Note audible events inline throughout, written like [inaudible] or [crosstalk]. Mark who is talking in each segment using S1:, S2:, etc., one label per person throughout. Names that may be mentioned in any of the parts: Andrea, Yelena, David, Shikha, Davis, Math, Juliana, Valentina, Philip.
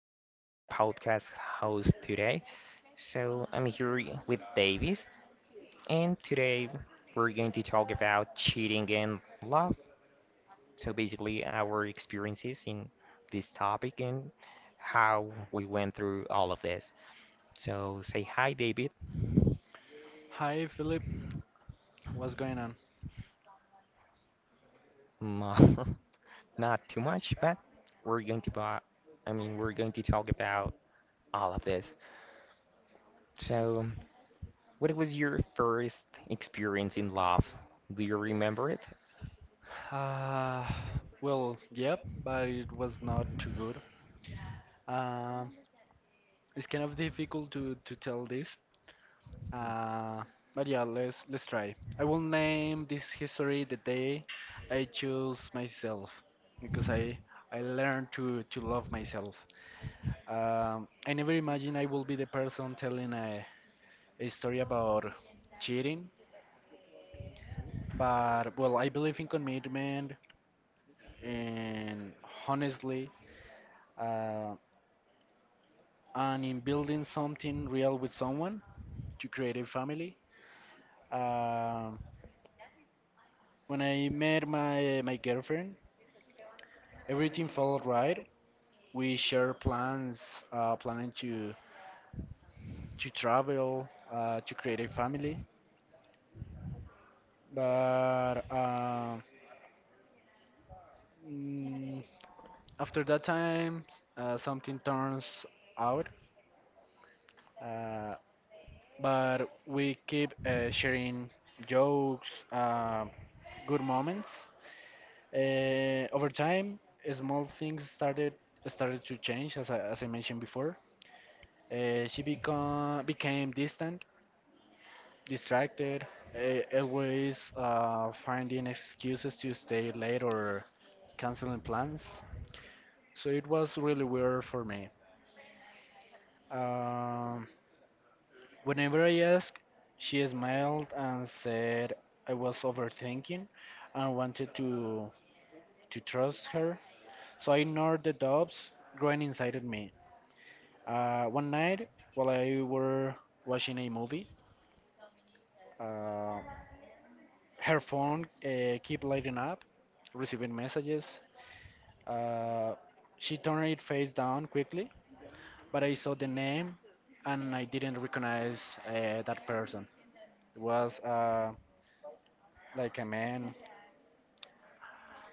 S1: your podcast host today. So, I'm here with Davis, and today we're going to talk about cheating and love. So, basically, our experiences in this topic and how we went through all of this. So, say hi, David.
S2: Hi Philip, what's going on?
S1: Mm, [laughs] Not too much, but we're going to, bo- I mean, we're going to talk about all of this. So, what was your first experience in love? Do you remember it?
S2: Uh, well, yep, but it was not too good. Um, it's kind of difficult to tell this. Uh, but yeah, let's try. I will name this history the day I chose myself because I learned to love myself. I never imagined I will be the person telling a story about cheating, but well, I believe in commitment and honestly. uh, and in building something real with someone to create a family. Um when I met my girlfriend, everything felt right. We share plans, planning to travel, to create a family. But uh, mm, After that time, something turns out. Uh, but we keep sharing jokes, good moments. Over time, small things started to change, as I mentioned before. She became distant, distracted, always finding excuses to stay late or canceling plans. So it was really weird for me. Um, Whenever I asked, she smiled and said I was overthinking and wanted to trust her. So I ignored the doubts growing inside of me. One night, while I were watching a movie, uh, her phone keep lighting up, receiving messages. Uh, she turned it face down quickly, but I saw the name, and I didn't recognize that person. It was like a man.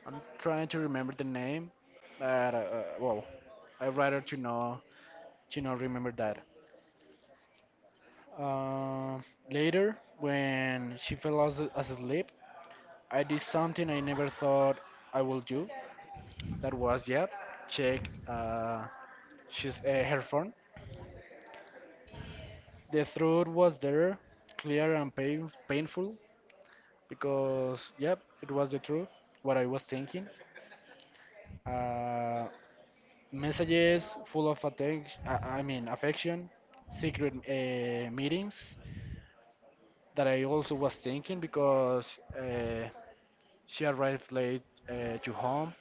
S2: I'm trying to remember the name, but well, I'd rather to know to not remember that. Uh, Later, when she fell as asleep, I did something I never thought I would do. That was, yeah, check her phone. The truth was there, clear and painful, because, yep, it was the truth, what I was thinking. Uh, Messages full of attention. I mean, affection, secret meetings that I also was thinking because uh, she arrived late to home,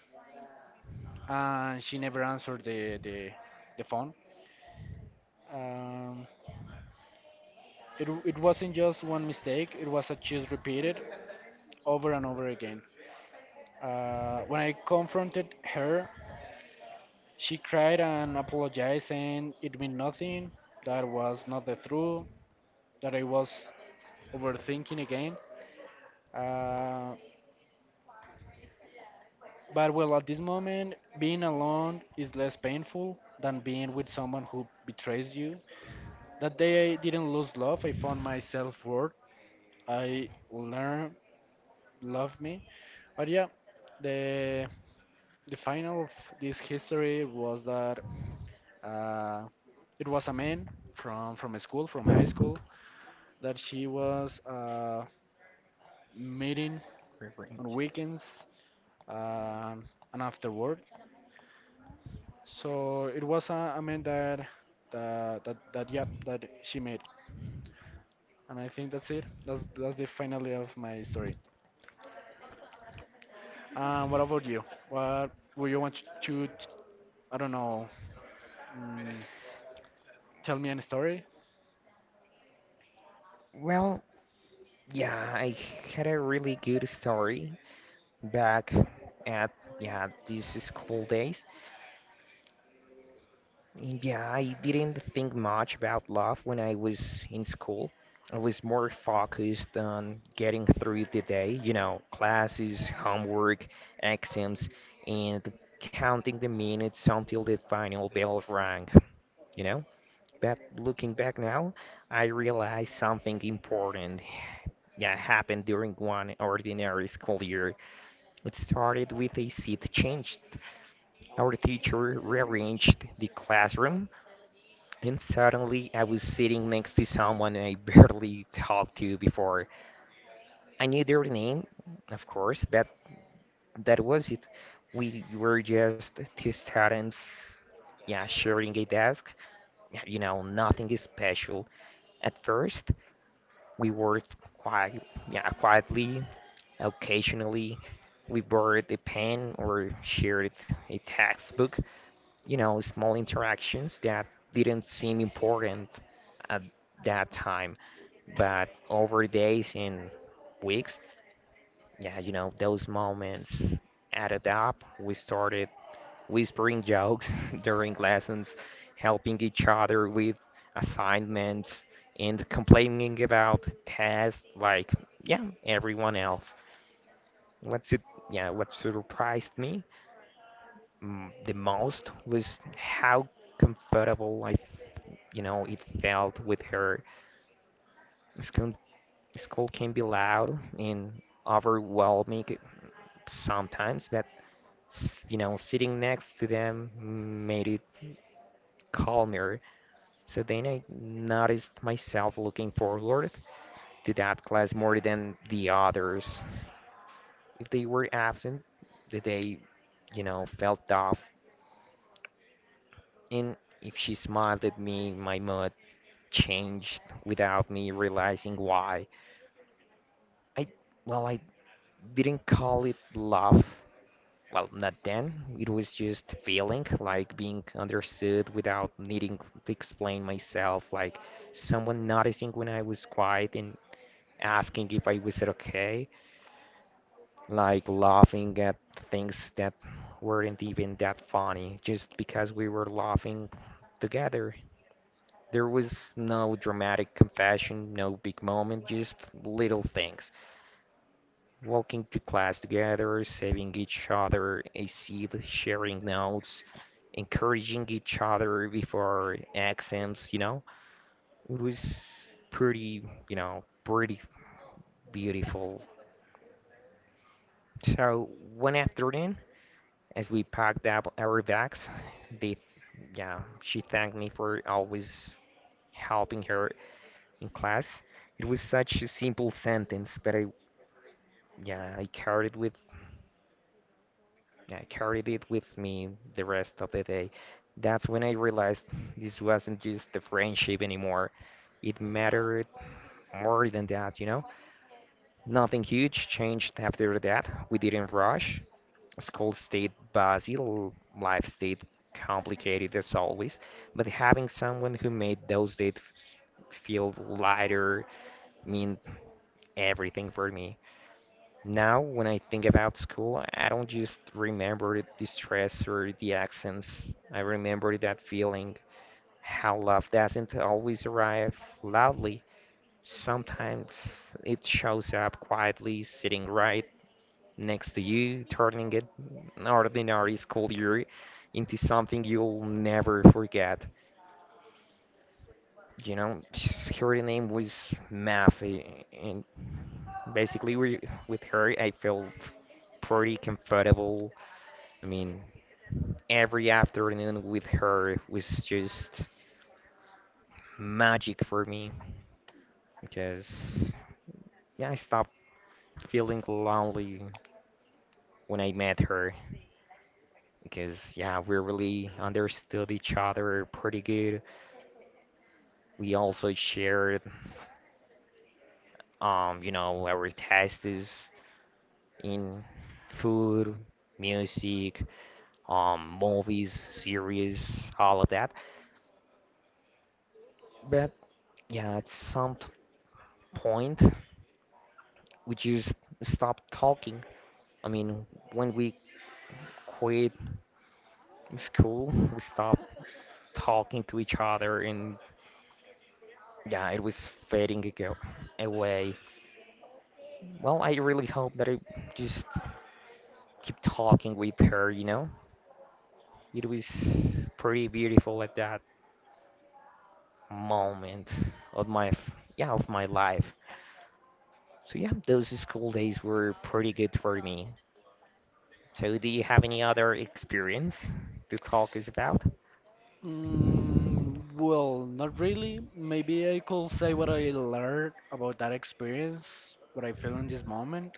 S2: and she never answered the phone. Um, it wasn't just one mistake, it was a cheese repeated over and over again. When I confronted her, she cried and apologized, saying it meant nothing, that was not the truth, that I was overthinking again. Uh, but well, at this moment, being alone is less painful than being with someone who betrays you. That day, I didn't lose love, I found my self worth. I learned love me. But yeah, the The final of this history was that uh, it was a man from a school, from high school, that she was meeting on
S1: Revenge.
S2: weekends um and after work. So it was a man that yep that she met, and I think that's it. That's the finale of my story. What about you? What would you want to? I don't know. Mm, Tell me a story.
S1: Well, yeah, I had a really good story back at, yeah, these school days. And yeah, I didn't think much about love when I was in school. I was more focused on getting through the day, you know, classes, homework, exams, and counting the minutes until the final bell rang, you know? But looking back now, I realized something important that happened during one ordinary school year. It started with a seat change. Our teacher rearranged the classroom, and suddenly I was sitting next to someone I barely talked to before. I knew their name, of course, but that was it. We were just two students, yeah, sharing a desk. You know, nothing is special at first. We worked yeah, quietly. Occasionally, we borrowed a pen or shared a textbook. You know, small interactions that didn't seem important at that time, but over days and weeks, yeah, you know, those moments added up. We started whispering jokes [laughs] during lessons, helping each other with assignments, and complaining about tests like, yeah, everyone else. What's it, yeah, what surprised me mm, the most was how comfortable I, you know, it felt with her. School, school can be loud and overwhelming sometimes, but, you know, sitting next to them made it calmer. So then I noticed myself looking forward to that class more than the others. If they were absent, the day, you know, felt off. And if she smiled at me, my mood changed without me realizing why. I, well, I didn't call it love. Well, not then. It was just feeling like being understood without needing to explain myself, like someone noticing when I was quiet and asking if I was okay, like laughing at things that weren't even that funny, just because we were laughing together. There was no dramatic confession, no big moment, just little things. Walking to class together, saving each other a seat, sharing notes, encouraging each other before exams, you know? It was pretty, pretty beautiful. So one afternoon, as we packed up our bags, they, yeah, she thanked me for always helping her in class. It was such a simple sentence, but yeah, I carried with, yeah, I carried it with me the rest of the day. That's when I realized this wasn't just a friendship anymore. It mattered more than that, you know? Nothing huge changed after that. We didn't rush. School state Brazil, life state complicated as always, but having someone who made those days feel lighter mean everything for me. Now, when I think about school, I don't just remember the stress or the accents. I remember that feeling, how love doesn't always arrive loudly. Sometimes it shows up quietly, sitting right next to you, turning it an ordinary school year into something you'll never forget. You know, [sniffs] her name was Math, and basically we, with her, I felt pretty comfortable. I mean, every afternoon with her was just magic for me because, yeah, I stopped feeling lonely when I met her because, yeah, we really understood each other pretty good. We also shared, you know, our tastes in food, music, movies, series, all of that. But yeah, at point, we just stopped talking. I mean, when we quit school, we stopped talking to each other, and yeah, it was fading ago- away. Well, I really hope that I just keep talking with her, you know? It was pretty beautiful at that moment of my f- yeah of my life. So yeah, those school days were pretty good for me. So do you have any other experience to talk us about?
S2: Well, not really. Maybe I could say what I learned about that experience, what I feel in this moment.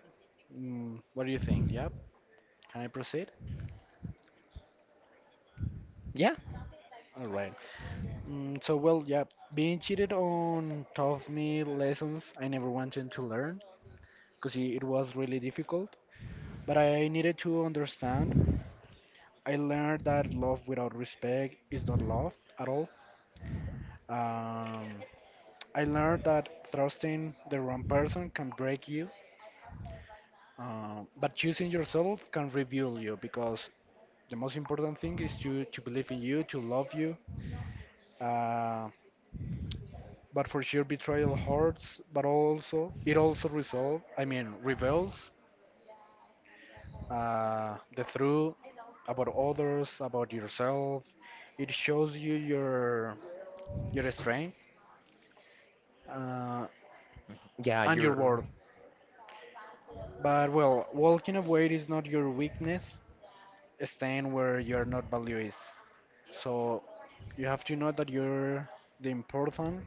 S2: What do you think? Yeah, can I proceed?
S1: Yeah,
S2: All right. So, well, yeah, being cheated on taught me lessons I never wanted to learn because it was really difficult. But I needed to understand. I learned that love without respect is not love at all. Um, I learned that trusting the wrong person can break you. But choosing yourself can reveal you because the most important thing is to believe in you, to love you. Uh, but for sure, betrayal hurts, but also it also resolve. I mean, reveals the truth about others, about yourself. It shows you your strength uh,
S1: yeah,
S2: and your
S1: You're
S2: worth. But well, walking away is not your weakness. Staying where your not value is. So you have to know that you're the important,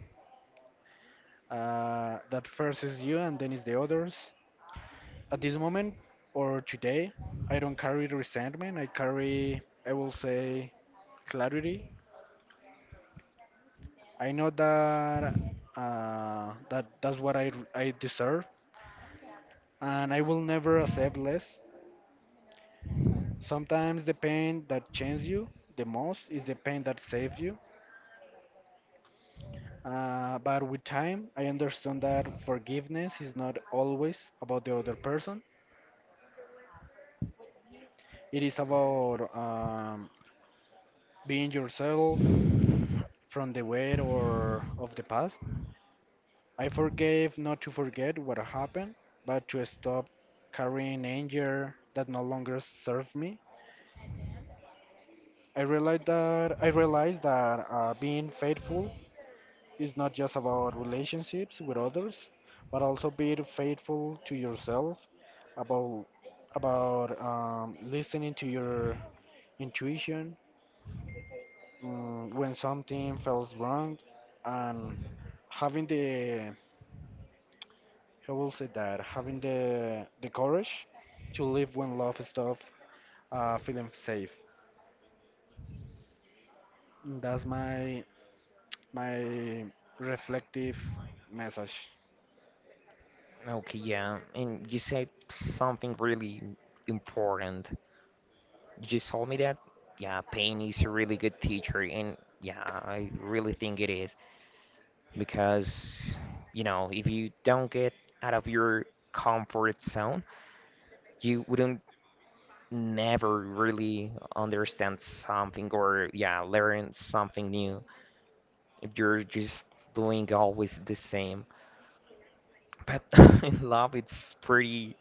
S2: that first is you and then is the others. At this moment or today, I don't carry resentment. I will say, clarity. I know that that's what I deserve, and I will never accept less. Sometimes the pain that changes you the most is the pain that saves you. But with time, I understand that forgiveness is not always about the other person. It is about being yourself from the weight or of the past. I forgave not to forget what happened, but to stop carrying anger that no longer serves me. I realized that being faithful is not just about relationships with others, but also being faithful to yourself, about about listening to your intuition when something feels wrong and having the how will say that having the courage to live when love stuff feeling safe. That's my my reflective message.
S1: okay. Yeah, and you said something really important. You just told me that yeah, pain is a really good teacher, and yeah, I really think it is because you know if you don't get out of your comfort zone you wouldn't never really understand something or yeah learn something new if you're just doing always the same, but [laughs] in love it's pretty,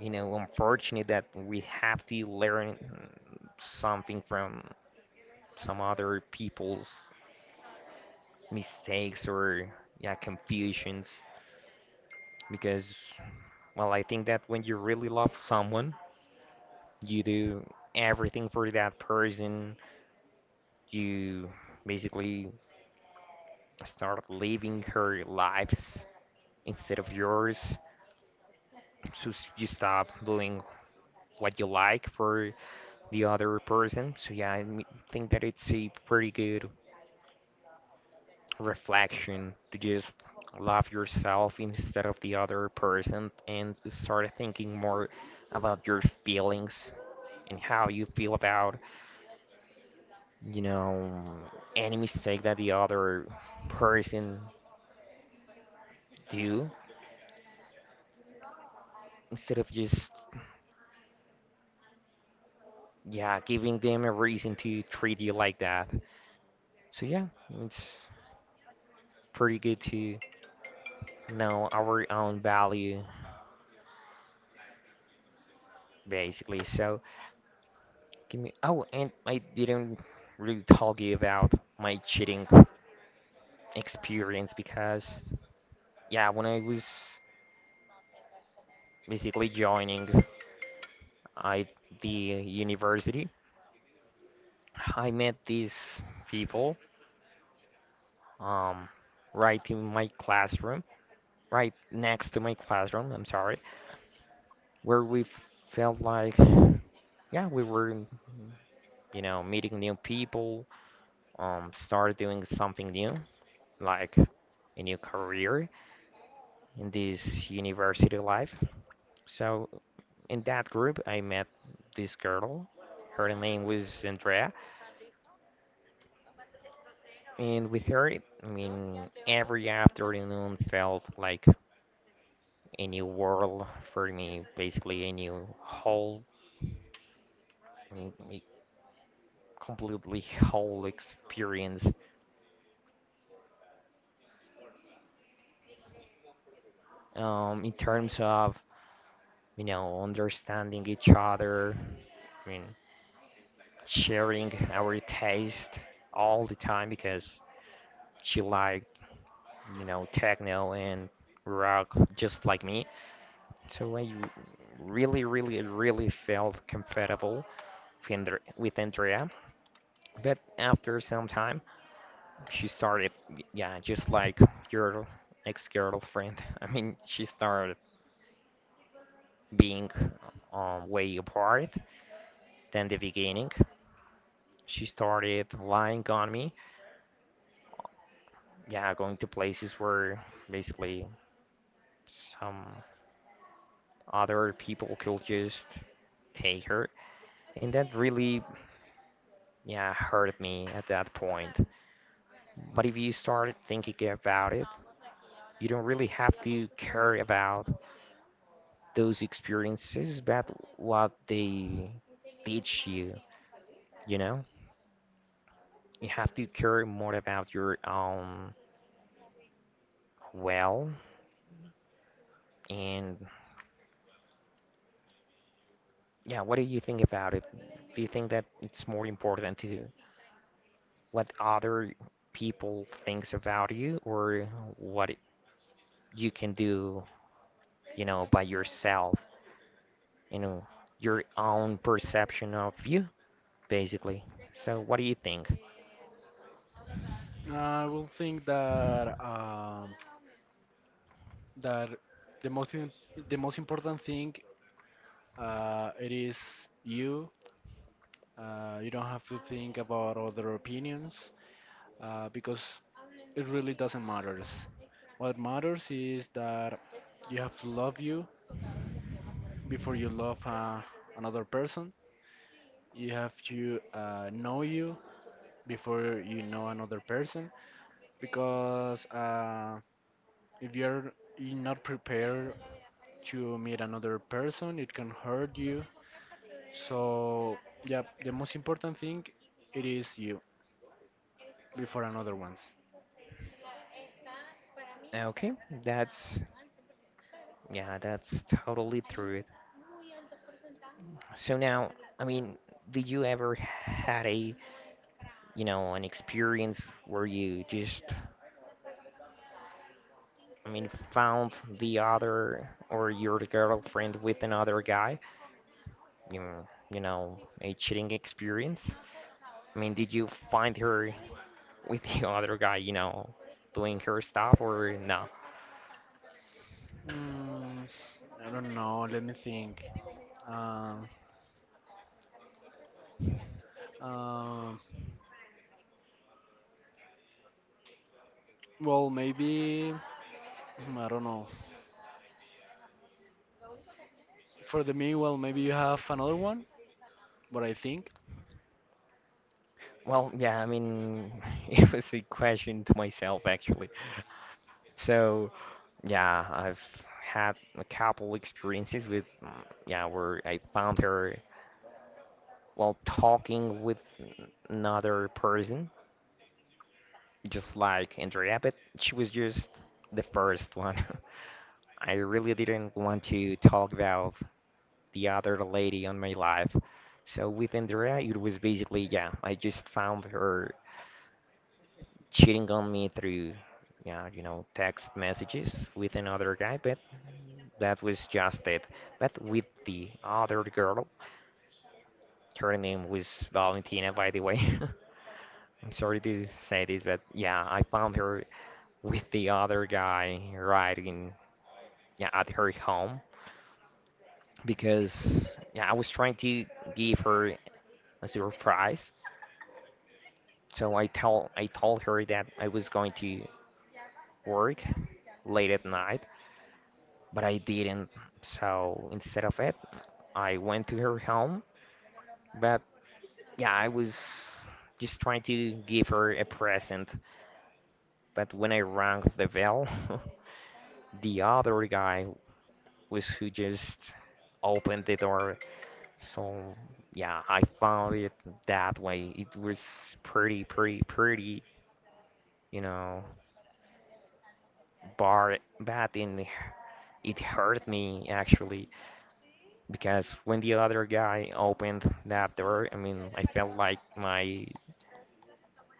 S1: you know, unfortunate that we have to learn something from some other people's mistakes or, yeah, confusions because well I think that when you really love someone, you do everything for that person. You basically start living her lives instead of yours. So you stop doing what you like for the other person. So yeah, think that it's a pretty good reflection to just love yourself instead of the other person and start thinking more about your feelings and how you feel about, you know, any mistake that the other person do instead of just, yeah, giving them a reason to treat you like that. So yeah, it's pretty good to know our own value, basically. So give me, oh, and I didn't really talk you about my cheating experience because yeah, when I was basically joining I the university, I met these people um right in my classroom, right next to my classroom, I'm sorry, where we felt like, yeah, we were, you know, meeting new people, start doing something new, like a new career in this university life. So in that group, I met this girl. Her name was Andrea, and with her, I mean, every afternoon felt like a new world for me, basically a new whole, I mean, a completely whole experience in terms of, you know, understanding each other. I mean, sharing our taste all the time because she liked, you know, techno and rock just like me. So I really, really, really felt comfortable with Andrea. But after some time, she started, yeah, just like your ex-girlfriend. [laughs] I mean, she started being way apart than the beginning. She started lying on me. Yeah, going to places where basically some other people could just take her. And that really, yeah, hurt me at that point. But if you start thinking about it, you don't really have to care about those experiences, but what they teach you, you know? You have to care more about your own well, and, yeah, what do you think about it? Do you think that it's more important to what other people thinks about you or what you can do, you know, by yourself, you know, your own perception of you, basically. So what do you think?
S2: I will think that that the the most important thing it is you. You don't have to think about other opinions because it really doesn't matter. What matters is that you have to love you before you love another person. You have to know you before you know another person. Because if you're you're not prepared to meet another person, it can hurt you. So, yeah, the most important thing it is you before another ones.
S1: Okay, that's yeah, that's totally true. So now, I mean, did you ever had a, you know, an experience where you just, I mean, found the other or your girlfriend with another guy, you, you know, a cheating experience? I mean, did you find her with [laughs] the other guy, you know, doing her stuff or no?
S2: Mm, I don't know. Let me think. Um, um, Well, maybe I don't know. For the meanwhile, maybe you have another one. But I think. [laughs]
S1: Well, yeah, I mean, [laughs] it was a question to myself, actually. So, yeah, I've had a couple experiences with, mm, yeah, where I found her while talking with another person. Just like Andrea, but she was just the first one. [laughs] I really didn't want to talk about the other lady on my life. So with Andrea, it was basically, yeah, I just found her cheating on me through, yeah, you know, text messages with another guy, but that was just it. But with the other girl, her name was Valentina, by the way. [laughs] I'm sorry to say this, but yeah, I found her with the other guy right, yeah, at her home because yeah I was trying to give her a surprise. So I told her that I was going to work late at night, but I didn't. So instead of it, I went to her home. But yeah, I was just trying to give her a present. But when I rang the bell, [laughs] the other guy was who just opened the door. So yeah, I found it that way. It was pretty, pretty, pretty, you know, bar bad, and it hurt me actually because when the other guy opened that door, I mean, I felt like my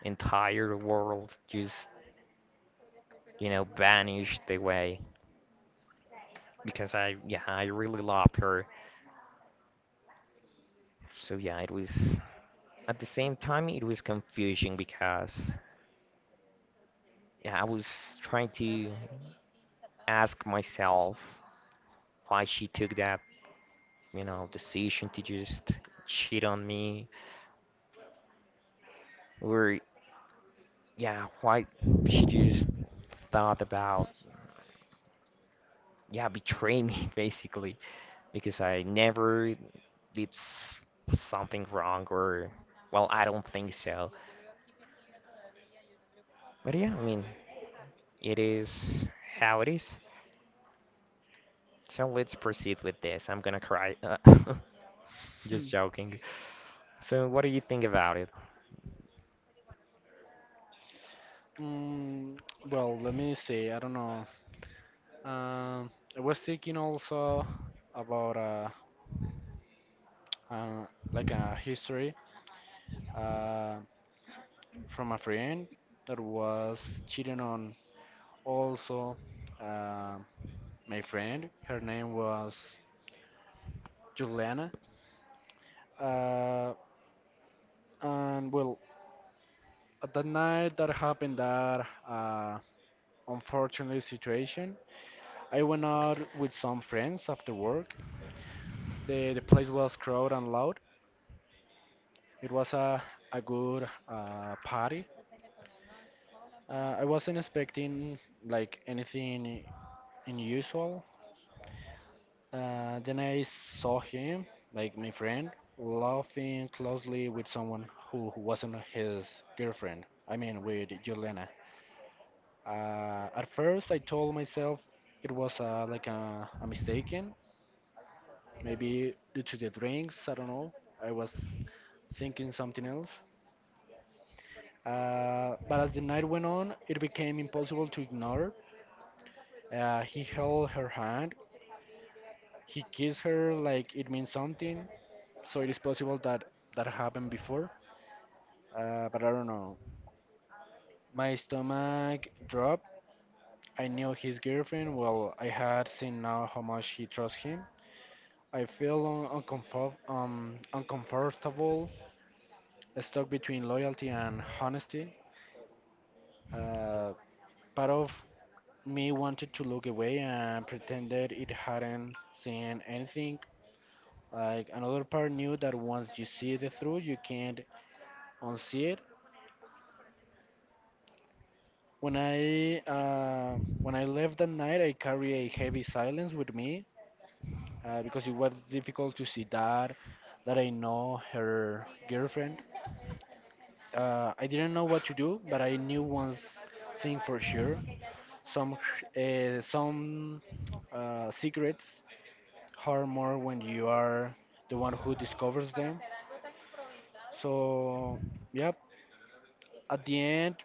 S1: entire world just, you know, vanished away because I, yeah, I really loved her. So yeah, it was, at the same time it was confusing because yeah, I was trying to ask myself why she took that, you know, decision to just cheat on me, or yeah, why she just thought about, yeah, betray me [laughs] basically because I never did s- something wrong or well, I don't think so. But yeah, I mean, it is how it is. So let's proceed with this. I'm gonna cry. [laughs] Just joking. So what do you think about it?
S2: Hmm. Well, let me see. I don't know. Um, I was thinking also about like a history uh from a friend that was cheating on also uh, my friend. Her name was Juliana. Uh, and well, at that night that happened that unfortunate situation. I went out with some friends after work. The place was crowded and loud. It was a good party. I wasn't expecting like anything unusual. Then I saw him, like my friend, laughing closely with someone who wasn't his girlfriend. I mean, with Yelena. At first, I told myself it was like a mistake, maybe due to the drinks, I don't know. I was thinking something else. But as the night went on, it became impossible to ignore. He held her hand. He kissed her like it means something. So it is possible that that happened before. But I don't know. My stomach dropped. I knew his girlfriend. Well, I had seen now how much he trusts him. I feel uncomfortable, stuck between loyalty and honesty. Uh, Part of me wanted to look away and pretended it hadn't seen anything. Like another part knew that once you see the through, you can't unsee it. When I left that night, I carry a heavy silence with me because it was difficult to see that that I know her girlfriend. I didn't know what to do, but I knew one thing for sure. Some some secrets hard more when you are the one who discovers them. So, yep. At the end,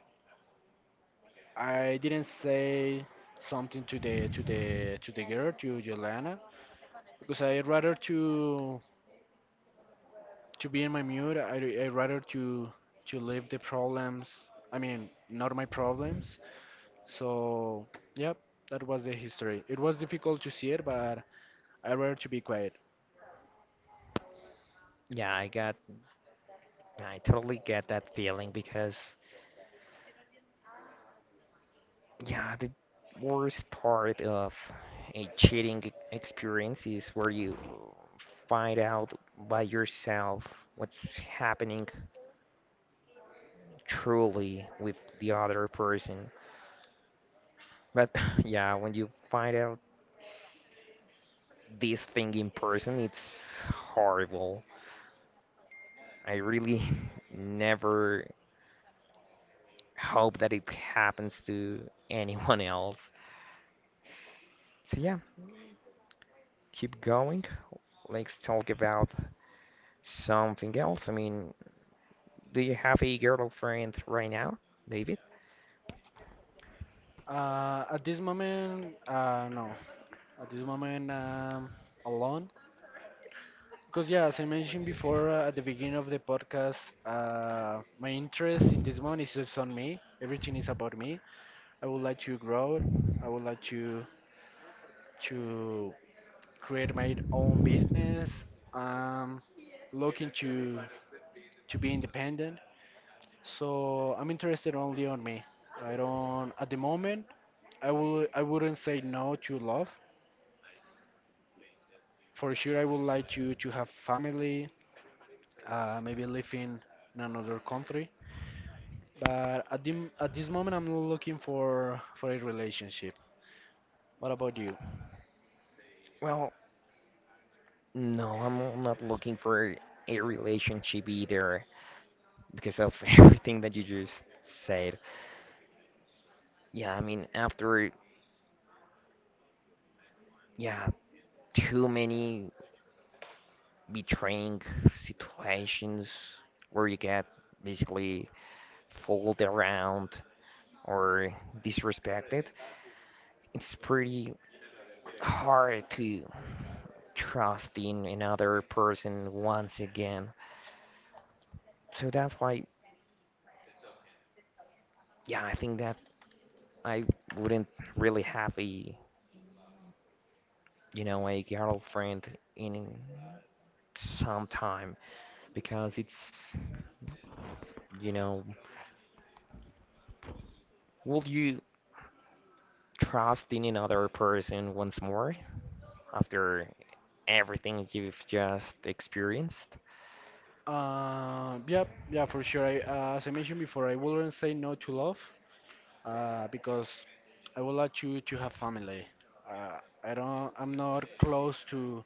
S2: I didn't say something to the girl, to Yolana, because I rather to be in my mood. I rather to leave the problems. I mean, not my problems. So, yep. That was the history. It was difficult to see it, but I rather to be quiet.
S1: Yeah, I totally get that feeling because yeah, the worst part of a experience is where you find out by yourself what's happening truly with the other person. But [laughs] yeah, when you find out this thing in person, it's horrible. I really [laughs] never hope that it happens to anyone else. So yeah, keep going. Let's talk about something else. I mean, do you have a girlfriend right now, David?
S2: At this moment, no. At this moment, alone because yeah, as I mentioned before, at the beginning of the podcast, my interest in this moment is just on me. Everything is about me. I would like to grow. I would like to to create my own business. um, looking to be independent, so I'm interested only on me. I don't at the moment. I wouldn't say no to love. For sure, I would like to have family, maybe living in another country. But at at this moment, I'm looking for a relationship. What about you?
S1: Well, no, I'm not looking for a relationship either because of [laughs] everything that you just said. Yeah, I mean, after, yeah, too many betraying situations where you get basically fooled around or disrespected, it's pretty hard to trust in another person once again. So that's why, yeah, I think that I wouldn't really have a, you know, a girlfriend in some time because it's, you know, will you trust in another person once more after everything you've just experienced?
S2: Uh, yeah, yeah, for sure. As I mentioned before, I wouldn't say no to love, because I would like you to have family. Uh, I'm not close to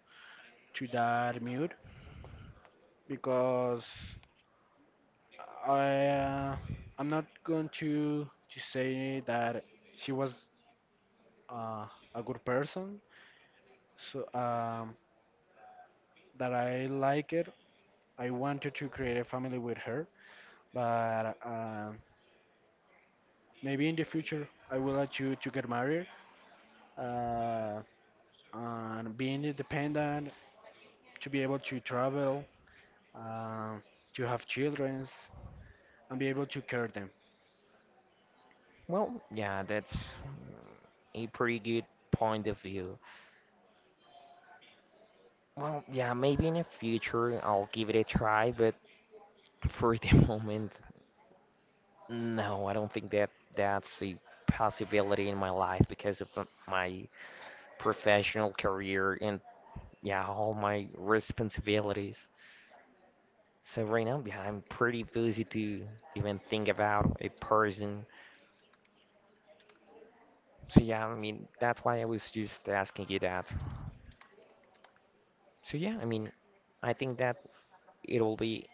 S2: that mood because I, uh, I'm not going to say that she was uh, a good person. So um, that I like it. I wanted to create a family with her, but maybe in the future I would like to get married uh, and being independent, to be able to travel, uh, to have children, and be able to care them.
S1: Well, yeah, that's a pretty good point of view. Well, yeah, maybe in the future I'll give it a try, but for the [laughs] moment, no, I don't think that that's a possibility in my life because of my professional career and yeah, all my responsibilities. So right now, yeah, I'm pretty busy to even think about a person. So yeah, I mean, that's why I was just asking you that. So yeah, I mean, I think that it'll be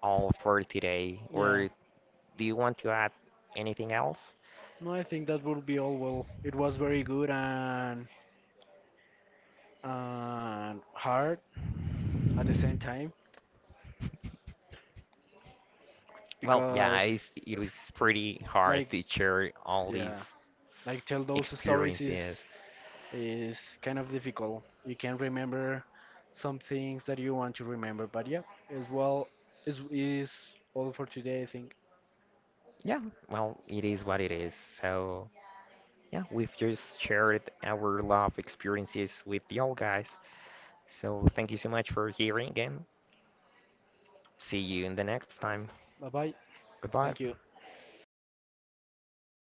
S1: all for today.
S2: Yeah,
S1: Or do you want to add anything else?
S2: no, I think that would be all. Well, it was very good and hard at the same time
S1: Well, yeah,
S2: because,
S1: it was pretty hard
S2: like,
S1: to share all these
S2: yeah, like tell those stories
S1: experiences.
S2: is kind of difficult. You can remember some things that you want to remember. But yeah, as well, is all for today. I think.
S1: Yeah, well, it is what it is. So yeah, we've just shared our love experiences with y'all guys. So thank you so much for hearing and see you in the next time.
S2: Bye bye.
S1: Goodbye.
S2: Thank you.